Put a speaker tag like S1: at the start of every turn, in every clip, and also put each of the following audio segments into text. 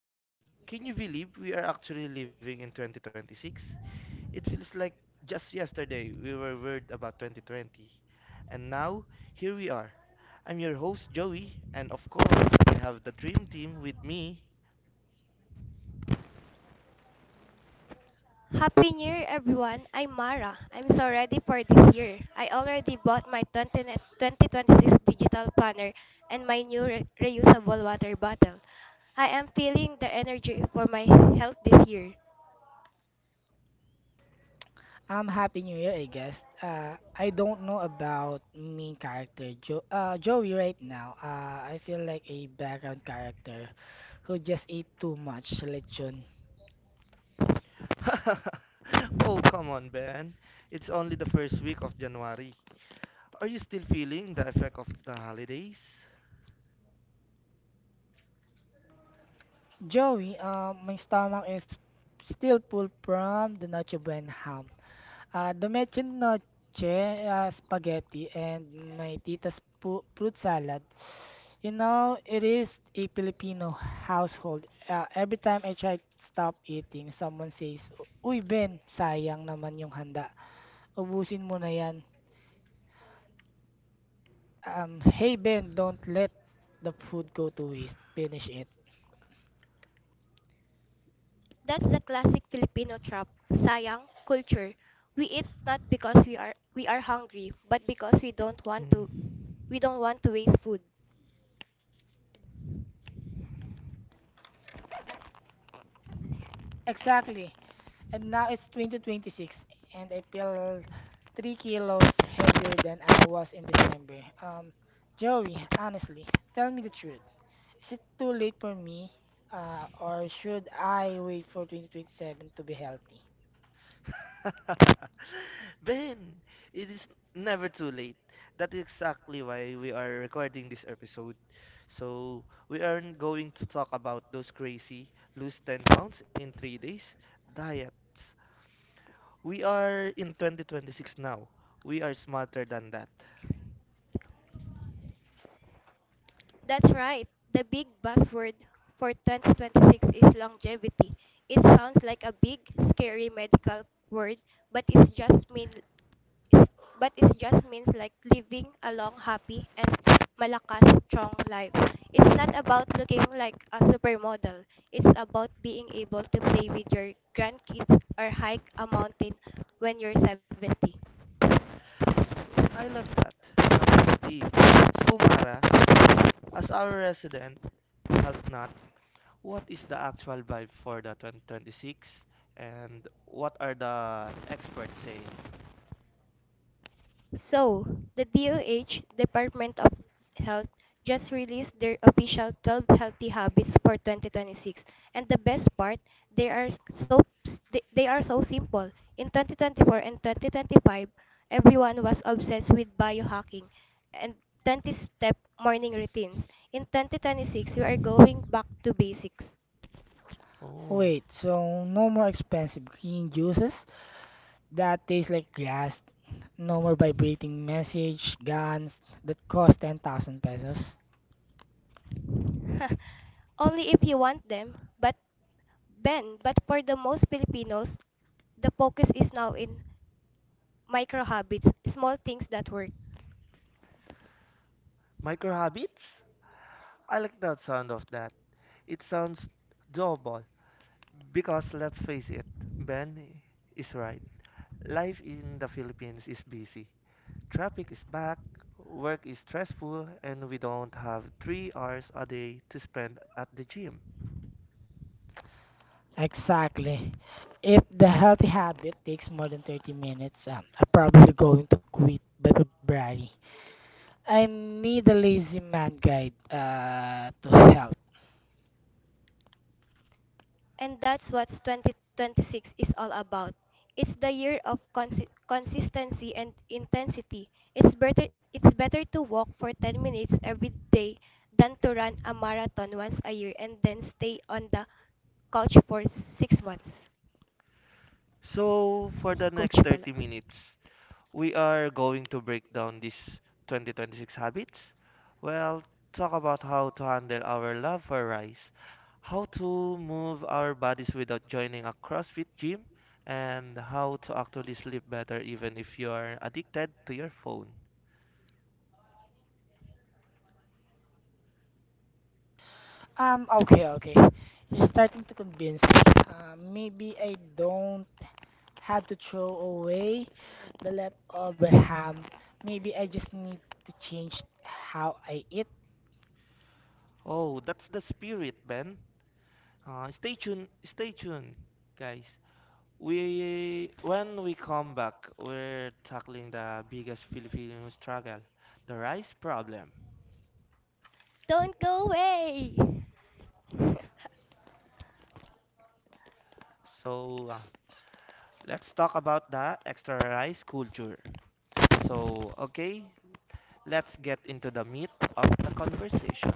S1: Guys, can you believe we are actually living in 2026? It feels like just yesterday we were worried about 2020. And now, here we are. I'm your host Joey, and of course, I have the dream team with me.
S2: Happy New Year, everyone. I'm Mara. I'm so ready for this year. I already bought my 2026 digital planner and my new reusable water bottle. I am feeling the energy for my health this year.
S3: Happy New Year, I guess. I don't know about main character jo Joey right now. I feel like a background character who just ate too much lechon.
S1: Oh, come on, Ben. It's only the first week of January. Are you still feeling the effect of the holidays?
S3: Joey, my stomach is still full from the Nacho Buen ham. Ah, Domeche Noche, ah, spaghetti, and fruit salad. You know, it is a Filipino household. Ah, every time I try to stop eating, someone says, Uy Ben, sayang naman yung handa. Ubusin mo na yan. Hey Ben, don't let the food go to waste. Finish it.
S2: That's the classic Filipino trap. Sayang culture. We eat not because we are hungry, but because we don't want to
S1: Mm.
S2: we don't want to waste food.
S3: Exactly. And now it's 2026, and I feel 3 kilos heavier than I was in December. Joey, honestly, tell me the truth. Is it too late for me, or should I wait for 2027 to be healthy?
S1: Ben, it is never too late. That is exactly why we are recording this episode. So, we aren't going to talk about those crazy lose 10 pounds in 3 days diets. We are in 2026 now. We are smarter than that.
S2: That's right. The big buzzword for 2026 is longevity. It sounds like a big, scary medical word, but it's just mean but it just means like living a long, happy and malakas strong life. It's not about looking like a supermodel. It's about being able to play with your grandkids or hike a mountain when you're 70.
S1: I love that. Love is So, Mara, as our resident health nut, what is the actual vibe for the 2026 and what are the experts saying?
S2: So, the DOH, Department of Health, just released their official 12 healthy habits for 2026. And the best part, they are so they are so simple. In 2024 and 2025, everyone was obsessed with biohacking and 20-step morning routines. In 2026, we are going back to basics.
S1: Oh,
S3: Wait, so no more expensive green juices that taste like grass, no more vibrating message guns that cost 10,000 pesos.
S2: Only if you want them, but Ben, but for the most Filipinos, the focus is now in micro habits, small things that work.
S1: micro habits? I like that sound of that. It sounds doable because let's face it, Ben is right. Life in the Philippines is busy. Traffic is back, work is stressful, and we don't have 3 hours a day to spend at the gym.
S3: Exactly. If the healthy habit takes more than 30 minutes, I'm probably going to quit by February. I need a lazy man guide to health.
S2: And that's what 2026 is all about. It's the year of consistency and intensity. It's better to walk for 10 minutes every day than to run a marathon once a year and then stay on the couch for 6 months.
S1: So, for the
S2: Coach
S1: next
S2: pala.
S1: 30 minutes, we are going to break down these 2026 habits. Well, talk about how to handle our love for rice, how to move our bodies without joining a CrossFit gym, and how to actually sleep better even if you're addicted to your phone.
S3: Okay, okay. You're starting to convince me. Maybe I don't have to throw away the leftover ham. Maybe I just need to change how I eat.
S1: Oh, that's the spirit, Ben. Stay tuned, guys. We when we come back, we're tackling the biggest Filipino struggle, the rice problem.
S2: Don't go away.
S1: So, let's talk about the extra rice culture. So, okay, let's get into the meat of the conversation.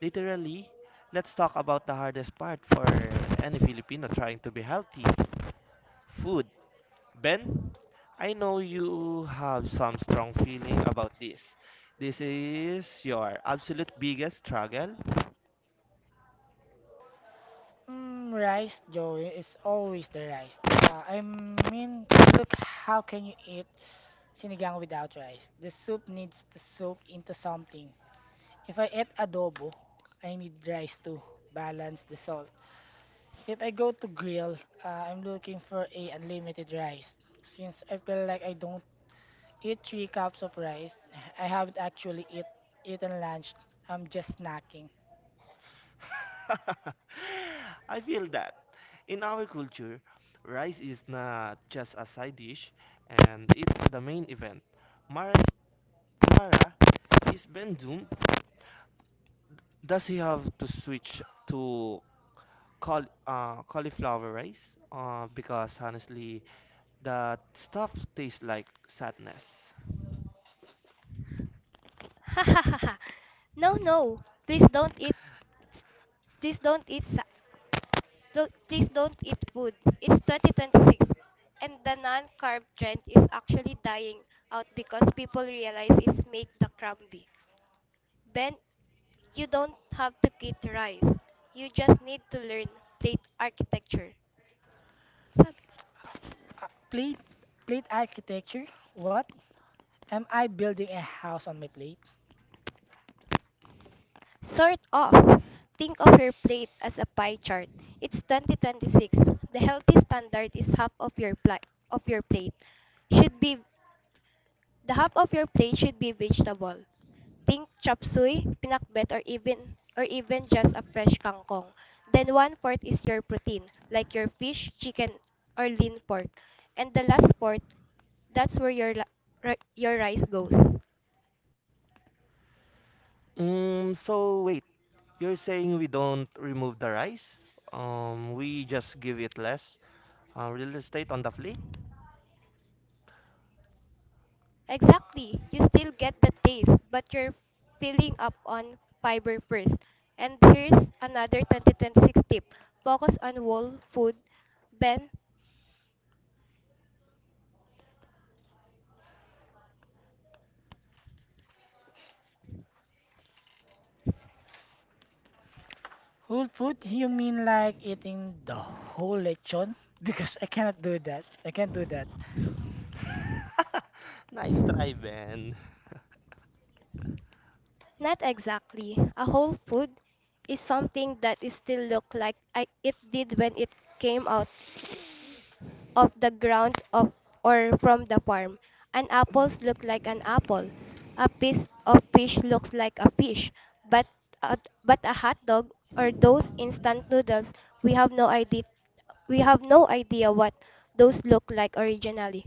S1: Literally, let's talk about the hardest part for any Filipino trying to be healthy food. Ben, I know you have some strong feeling about this. This is your absolute biggest struggle.
S3: Mm, rice, Joey, is always the rice. I mean, look, how can you eat sinigang without rice? The soup needs to soak into something. If I eat adobo, I need rice to balance the salt. If I go to grill, I'm looking for a unlimited rice. Since I feel like I don't eat three cups of rice, I haven't actually eat, eaten lunch. I'm just snacking.
S1: I feel that in our culture, rice is not just a side dish and it's the main event. Mara is, Mara, is Ben doomed? Does he have to switch to cauliflower rice? Because honestly, that stuff tastes like sadness.
S2: No, no. Please don't eat. Please don't eat sa- Don't, please don't eat food. It's 2026 and the non-carb trend is actually dying out because people realize it's make the crumbly. Ben, you don't have to eat rice. You just need to learn plate architecture. Sabi ko.
S3: Uh, plate, plate architecture? What? Am I building a house on my plate?
S2: Sort of. Think of your plate as a pie chart. It's 2026. The healthy standard is half of your plate should be. The half of your plate should be vegetable. Think chop suey, pinakbet or even just a fresh kangkong. Then one fourth is your protein, like your fish, chicken, or lean pork. And the last fourth, that's where your rice goes.
S1: So wait, you're saying we don't remove the rice? We just give it less real estate on the plate?
S2: Exactly. You still get the taste, but you're filling up on fiber first. And here's another 2026 tip. Focus on whole food, bend.
S3: Whole food? You mean like eating the whole lechon? Because I cannot do that. I can't do that.
S1: Nice try, Ben.
S2: Not exactly. A whole food is something that is still look like it did when it came out of the ground of or from the farm. An apples look like an apple. A piece of fish looks like a fish. But a, a hot dog or those instant noodles, we have no idea we have no idea what those look like originally.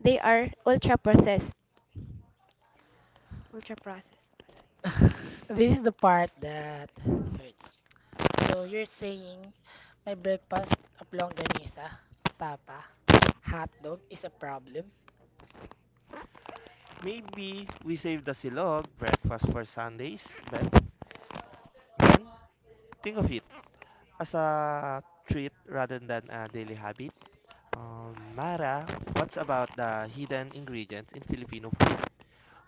S2: They are ultra processed. Ultra processed.
S3: This is the part that hurts. So you're saying my breakfast of longganisa, tapa, hot dog is a problem?
S1: Maybe we save the silog breakfast for Sundays, Ben. Ben, think of it as a treat rather than a daily habit. Mara, what's about the hidden ingredients in Filipino food?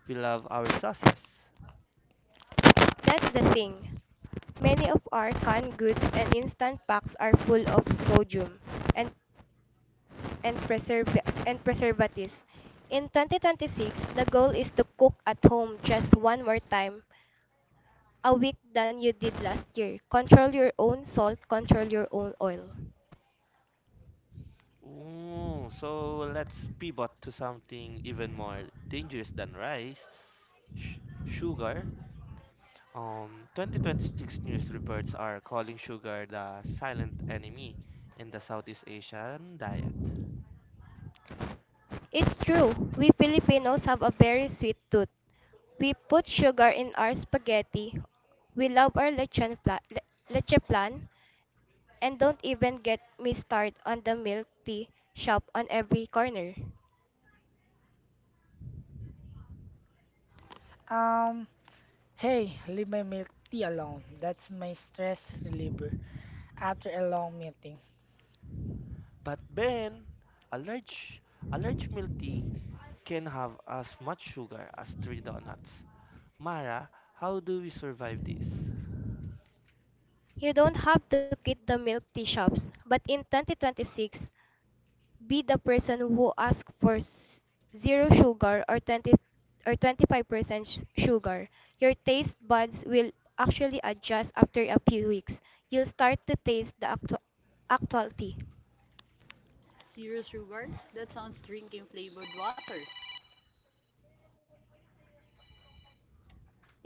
S1: We love our sauces.
S2: That's the thing. Many of our canned goods and instant packs are full of sodium and and preservatives. In 2026, the goal is to cook at home just one more time a week than you did last year. Control your own salt, control your own oil.
S1: Ooh, so let's pivot to something even more dangerous than rice, sh- sugar. 2026 news reports are calling sugar the silent enemy in the Southeast Asian diet.
S2: It's true. We Filipinos have a very sweet tooth. We put sugar in our spaghetti. We love our leche plan. And don't even get me started on the milk tea shop on every corner.
S3: Um, Hey, leave my milk tea alone. That's my stress reliever after a long meeting.
S1: But Ben, a large, a large milk tea can have as much sugar as three donuts. Mara, how do we survive this?
S2: You don't have to quit the milk tea shops, but in 2026, be the person who asks for zero sugar or 20 or 25% sugar. Your taste buds will actually adjust after a few weeks. You'll start to taste the actual tea.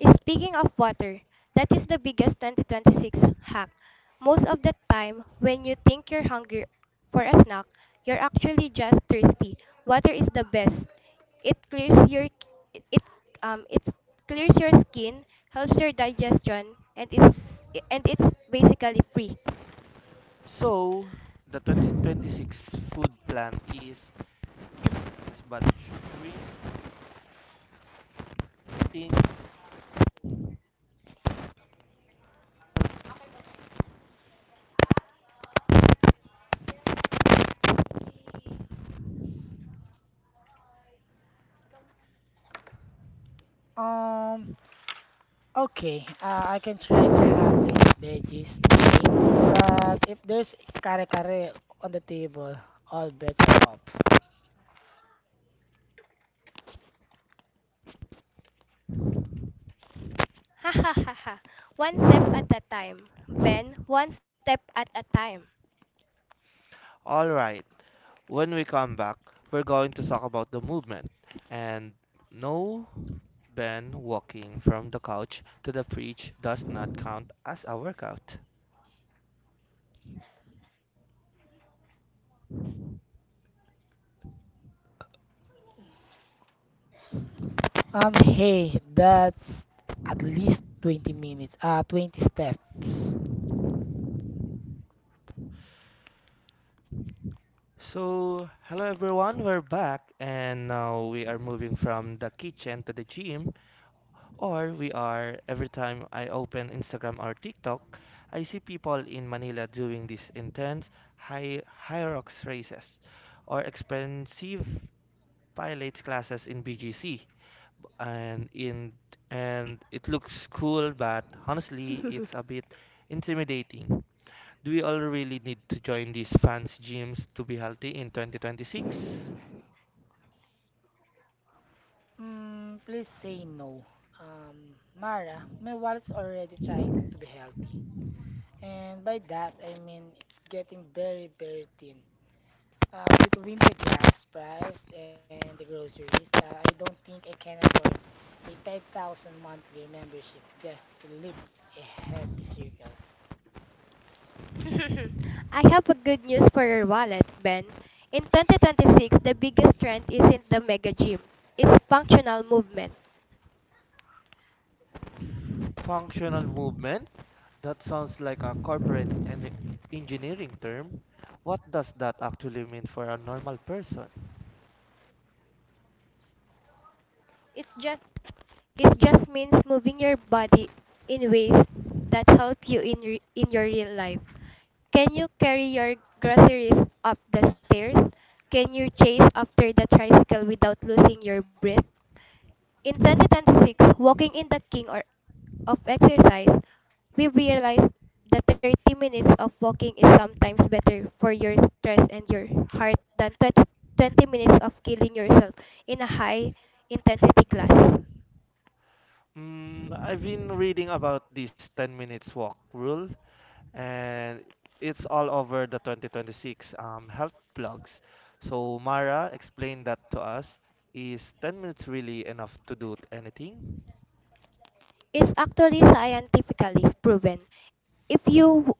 S2: Speaking of water, that is the biggest 2026 hack. Most of the time, when you think you're hungry for a snack, you're actually just thirsty. Water is the best. It clears your it it clears your skin, helps your digestion, and it's basically free.
S1: So, the 2026 food plan is keep balance but shrinking.
S3: Um, Okay, I can try the half plate of veggies thing, but if there's kare-kare on the table, all bets are off.
S2: Ha ha ha ha. One step at a time. Ben, one step at a time.
S1: All right, when we come back, we're going to talk about the movement and no, Ben walking from the couch to the fridge does not count as a workout.
S3: Hey, that's at least 20 minutes, 20 steps.
S1: So, hello everyone, we're back and now we are moving from the kitchen to the gym or we are every time I open Instagram or TikTok, I see people in Manila doing these intense high rocks races or expensive pilates classes in BGC. and in and it looks cool, but honestly, it's a bit intimidating. Do we all really need to join these fancy gyms to be healthy in 2026?
S3: Mm, please say no. Mara, my wallet's already trying to be healthy. And by that, I mean it's getting very, very thin. Between the gas price and the groceries, I don't think I can afford a 5,000 monthly membership just to lift a heavy circles.
S2: I have a good news for your wallet, Ben. In 2026, the biggest trend isn't the mega gym. It's functional movement.
S1: Functional movement? That sounds like a corporate engineering term. What does that actually mean for a normal person?
S2: It's just it just means moving your body in ways that help you in your real life. Can you carry your groceries up the stairs? Can you chase after the tricycle without losing your breath? In 2026, walking in the King or of exercise, we've realized that 30 minutes of walking is sometimes better for your stress and your heart than twenty minutes of killing yourself in a high intensity class.
S1: I've been reading about this 10 minutes walk rule, and it's all over the 2026 health blogs. So Mara explained that to us. Is 10 minutes really enough to do anything?
S2: It's actually scientifically proven. If you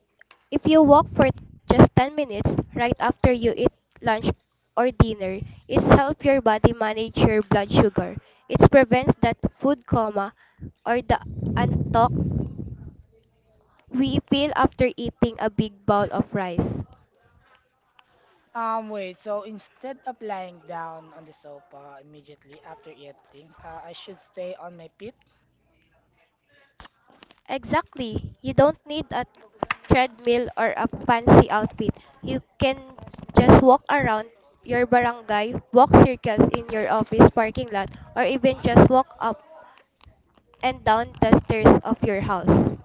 S2: if you walk for just 10 minutes right after you eat lunch or dinner, it's help your body manage your blood sugar. It prevents that food coma or the antok we feel after eating a big bowl of rice.
S3: Wait, so instead of lying down on the sofa immediately after eating, I should stay on my feet?
S2: Exactly. You don't need a treadmill or a fancy outfit. You can just walk around your barangay, walk circles in your office parking lot, or even just walk up and down the stairs of your house.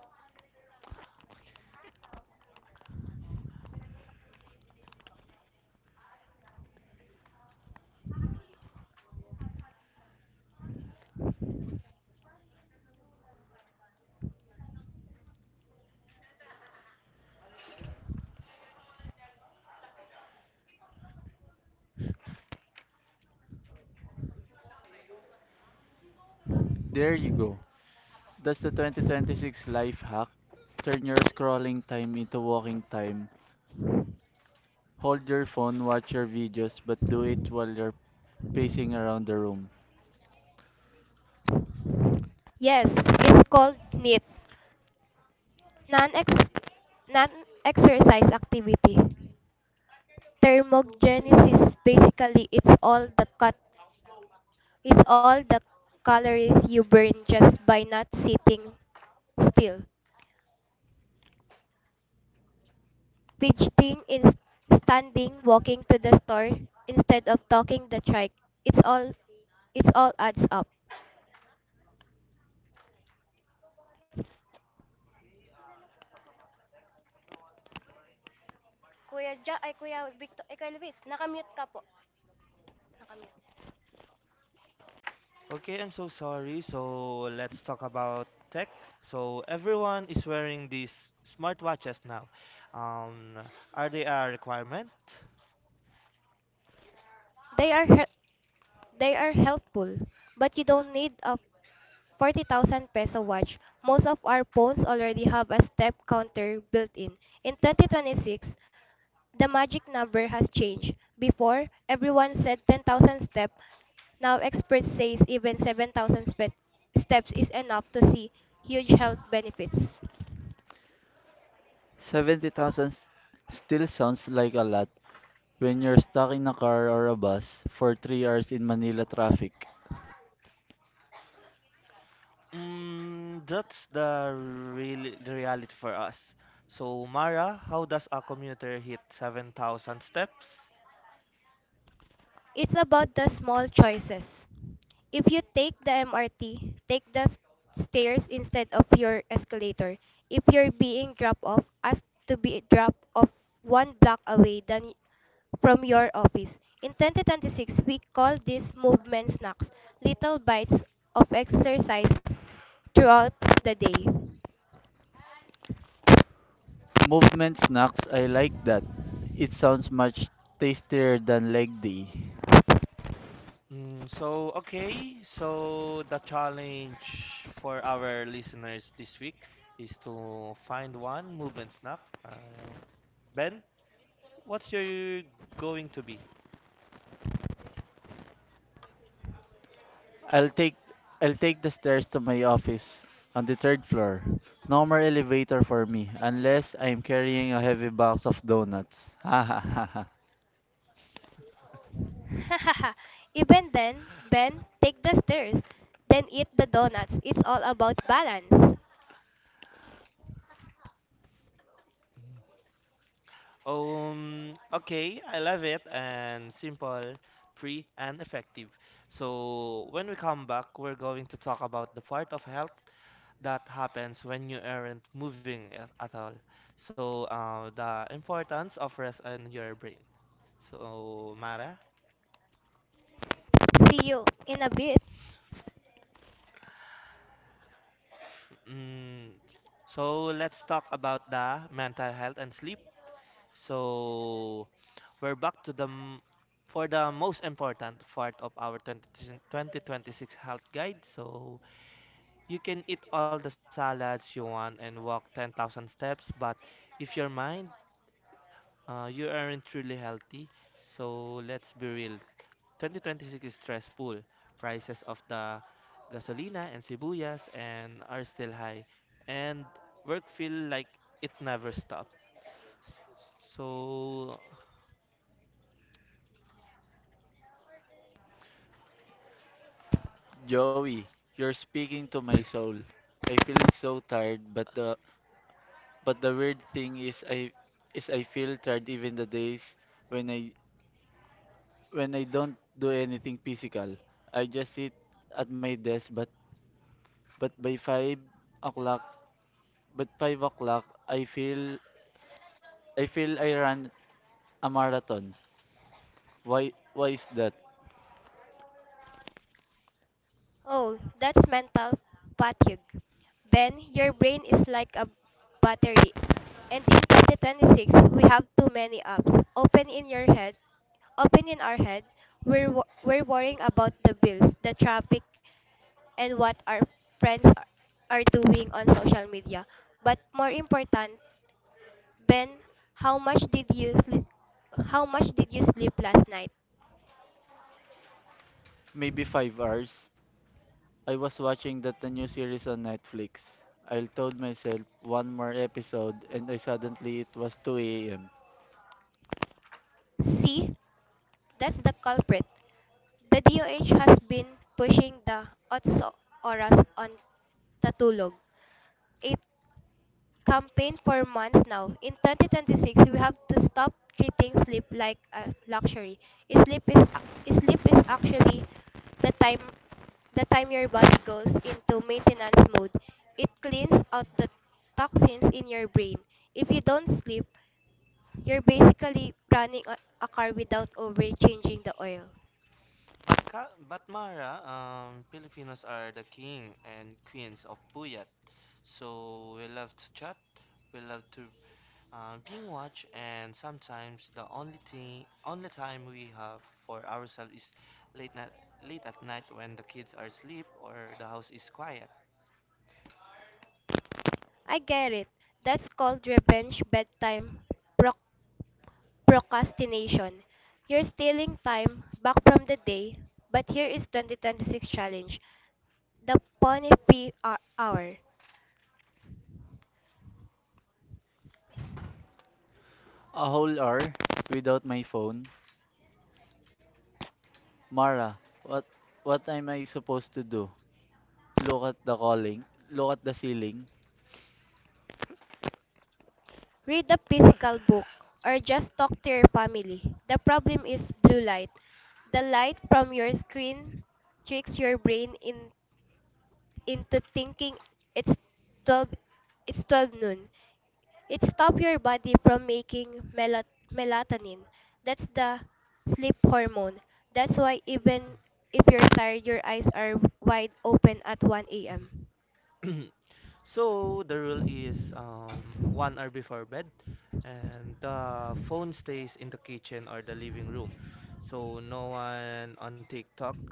S3: There you go. That's the 2026 life hack. Turn your scrolling time into walking time. Hold your phone, watch your videos, but do it while you're pacing around the room.
S2: Yes, it's called NEAT, non-ex- non-exercise activity. Thermogenesis, basically, it's all the calories you burn just by not sitting still, fidgeting, in standing, walking to the store instead of talking the trike. It's all, it's all adds up. Kuya Ja, ay Kuya Victor, ay Kuya Luis, nakamute ka po. Nakamute.
S1: Okay, I'm so sorry. So let's talk about tech. So everyone is wearing these smartwatches now. Um, are they a requirement?
S2: They are he- they are helpful, but you don't need a 40,000 peso watch. Most of our phones already have a step counter built in. In 2026, the magic number has changed. Before, everyone said 10,000 steps. Now experts say even 7,000 steps is enough to see huge health benefits.
S3: 70,000 s- still sounds like a lot when you're stuck in a car or a bus for 3 hours in Manila traffic.
S1: That's the reality for us. So Mara, how does a commuter hit 7,000 steps?
S2: It's about the small choices. If you take the MRT, take the stairs instead of your escalator. If you're being dropped off, ask to be dropped off one block away from your office. In 2026, we call these movement snacks, little bites of exercise throughout the day.
S3: Movement snacks, I like that. It sounds much tastier than leg day.
S1: So, okay, so the challenge for our listeners this week is to find one movement snack. Uh, Ben, what's your going to be?
S3: I'll take I'll take the stairs to my office on the third floor. No more elevator for me unless I'm carrying a heavy box of donuts. Ha ha ha ha.
S2: Even then, Ben, take the stairs, then eat the donuts. It's all about balance.
S1: Okay, I love it and simple, free, and effective. So, when we come back, we're going to talk about the part of health that happens when you aren't moving at all. So, the importance of rest on your brain. So, Mara,
S2: See you in a bit.
S1: Mm, so let's talk about the mental health and sleep. So we're back to the for the most important part of our twenty twenty twenty six health guide. So you can eat all the salads you want and walk 10,000 steps, but if your mind you aren't truly healthy, so let's be real. 2026 is stressful. Prices of the gasolina and sibuyas and are still high, and work feel like it never stops. So,
S3: Joey, you're speaking to my soul. I feel so tired, but the weird thing is I feel tired even the days when I when I don't do anything physical. I just sit at my desk but by o'clock 5 o'clock I feel I ran a marathon. Why is that?
S2: Oh, that's mental fatigue. Ben, your brain is like a battery. And in 2026, we have too many apps. Open in your head, open in our head. We're worrying about the bills, the traffic, and what our friends are doing on social media. But more important, Ben, how much did you sleep, how much did you sleep last night?
S3: Maybe 5 hours. I was watching that the new series on Netflix. I told myself one more episode and I suddenly it was two AM.
S2: See, that's the culprit. The DOH has been pushing the Otso Oras on Tatulog, a campaign for months now. In 2026, we have to stop treating sleep like a luxury. Sleep is sleep is actually the time the time your body goes into maintenance mode. It cleans out the toxins in your brain. If you don't sleep, you're basically running a car without over changing the oil.
S1: but Mara, Filipinos are the king and queens of puyat. So we love to chat, we love to being watched, and sometimes only time we have for ourselves is late night, late at night when the kids are asleep or the house is quiet.
S2: I get it. That's called revenge bedtime proc- procrastination. You're stealing time back from the day, but here is 2026 challenge. The Pony Fee Hour.
S3: A whole hour without my phone Mara, what what am I supposed to do? Look at the calling, look at the ceiling.
S2: Read a physical book or just talk to your family. The problem is blue light. The light from your screen tricks your brain into thinking it's 12 it's 12 noon. It stops your body from making melatonin. That's the sleep hormone. That's why even if you're tired, your eyes are wide open at 1 a.m.
S1: Mhm. So the rule is one hour before bed, and the phone stays in the kitchen or the living room. So no one on TikTok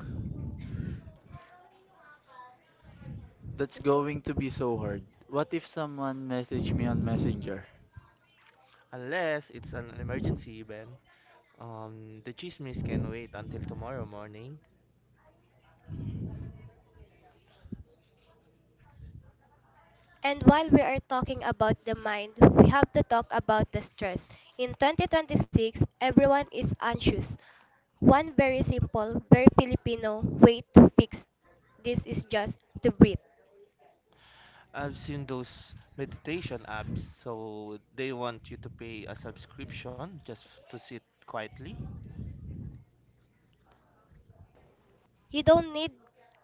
S3: That's
S2: That's
S3: going
S2: going
S3: to
S2: to
S3: be
S2: be so—
S3: so hard. What if someone messaged me on Messenger?
S1: unless it's an emergency event. The chismis can wait until tomorrow morning.
S2: And while we are talking about the mind, we have to talk about the stress. In 2026, everyone is anxious. One very simple, very Filipino way to fix this is just to breathe.
S1: I've seen those meditation apps, so they want you to pay a subscription just to sit quietly.
S2: You don't need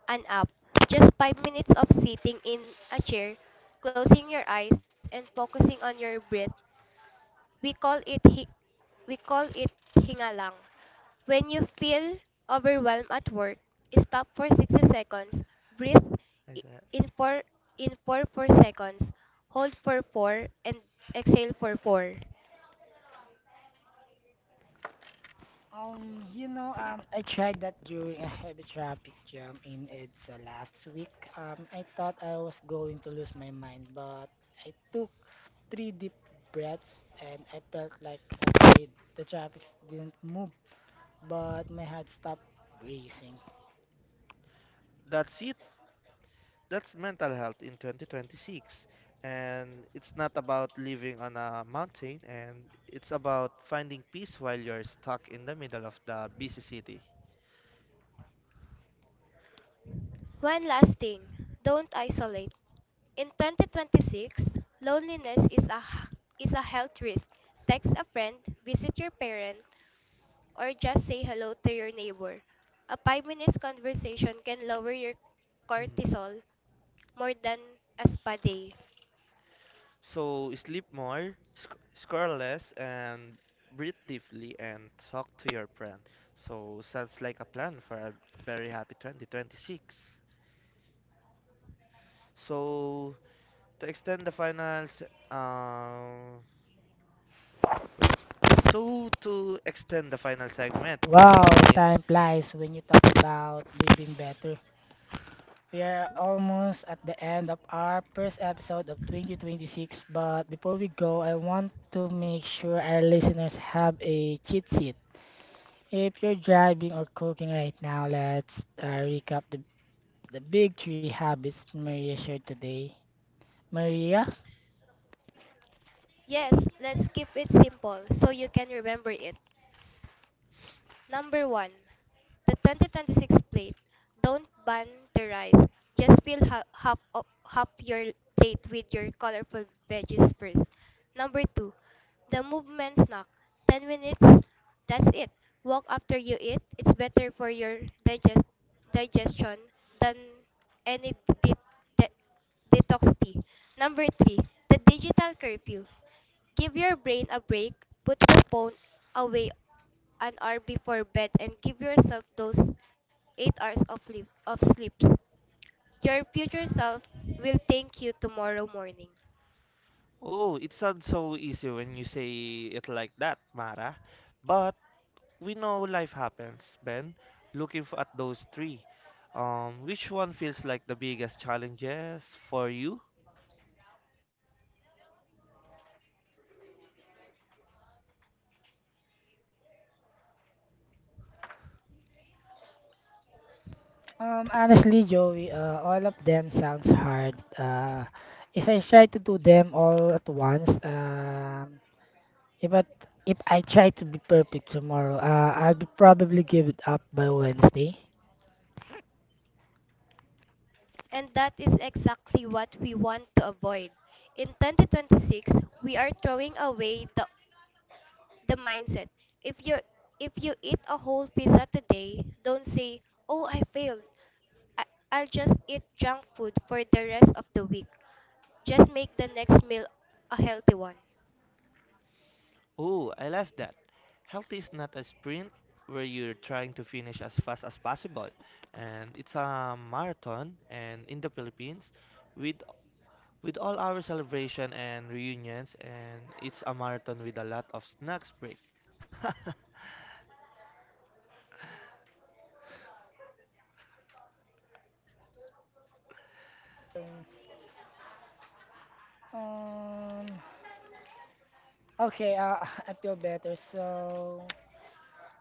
S2: an app, just 5 minutes of sitting in a chair, closing your eyes, and focusing on your breath. We call it hi- we call it hingalang. When you feel overwhelmed at work, stop for 60 seconds, breathe
S1: Is
S2: i-
S1: that?
S2: in for in for 4 seconds, hold for 4 and exhale for 4.
S3: You know, I tried that during a heavy traffic jam in EDSA last week. I thought I was going to lose my mind, but I took three deep breaths and I felt like, okay, the traffic didn't move, but my heart stopped racing.
S1: That's it. That's mental health in 2026. And it's not about living on a mountain, and it's about finding peace while you're stuck in the middle of the busy city.
S2: One last thing. Don't isolate. In 2026, loneliness is a health risk. Text a friend, visit your parent, or just say hello to your neighbor. A 5 minutes conversation can lower your cortisol more than a spa day.
S1: So sleep more, sc score less, and breathe deeply and talk to your friend. So sounds like a plan for a very happy 2026. So to extend the finals, uh, So to extend the final segment to eight
S3: Wow,
S1: minutes.
S3: time flies when you talk about living better. We are almost at the end of our first episode of 2026, but before we go, I want to make sure our listeners have a cheat sheet. If you're driving or cooking right now, let's recap the big three habits Maria shared today. Maria?
S2: Yes, let's keep it simple so you can remember it. Number 1. The 2026 plate. Don't ban the rice. Just fill half your plate with your colorful veggies first. Number 2. The movement snack. 10 minutes. That's it. Walk after you eat. It's better for your digest- digestion than any de- de- detox tea. Number 3. The digital curfew. Give your brain a break, put the phone away an hour before bed and give yourself those 8 hours of sleeps. Your future self will thank you tomorrow morning.
S1: Oh, it sounds so easy when you say it like that, Mara. But we know life happens, Ben. Looking at those three, which one feels like the biggest challenges for you?
S3: Honestly, Joey, all of them sounds hard. If I try to do them all at once, If I, if I try to be perfect tomorrow, I'll be probably give it up by Wednesday.
S2: And that is exactly what we want to avoid. In 2026, we are throwing away the mindset. If you if you eat a whole pizza today, don't say, "Oh, I failed. I, I'll just eat junk food for the rest of the week." Just make the next meal a healthy one.
S1: Oh, I love that. Health is not a sprint where you're trying to finish as fast as possible, and it's a marathon. And in the Philippines, with with all our celebration and reunions, and it's a marathon with a lot of snacks break.
S3: Um, okay, I feel better. So,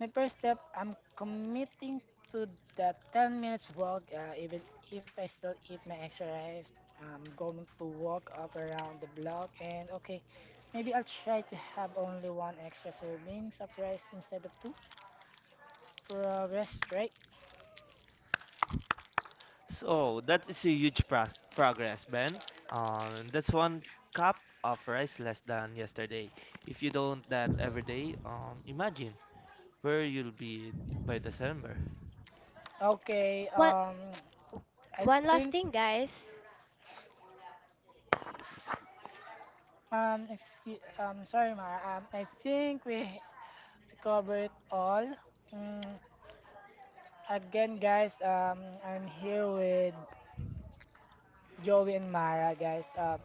S3: my first step, I'm committing to the 10-minute minutes walk. Even if I still eat my extra rice, I'm going to walk up around the block. And okay, maybe I'll try to have only one extra serving of rice instead of two. Progress, right?
S1: So that is a huge progress, Ben. That's one cup of rice less than yesterday. If you don't that every day, imagine where you'll be by December.
S3: Okay,
S2: What?
S3: I
S2: One last
S3: think
S2: thing, guys.
S3: Sorry, Ma. I think we covered all. Mm, again, guys, I'm here with Joey and Mara, guys.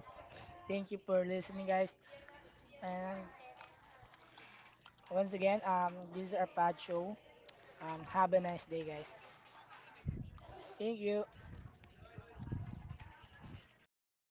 S3: Thank you for listening, guys. And once again, this is our pod show. Have a nice day, guys. Thank you.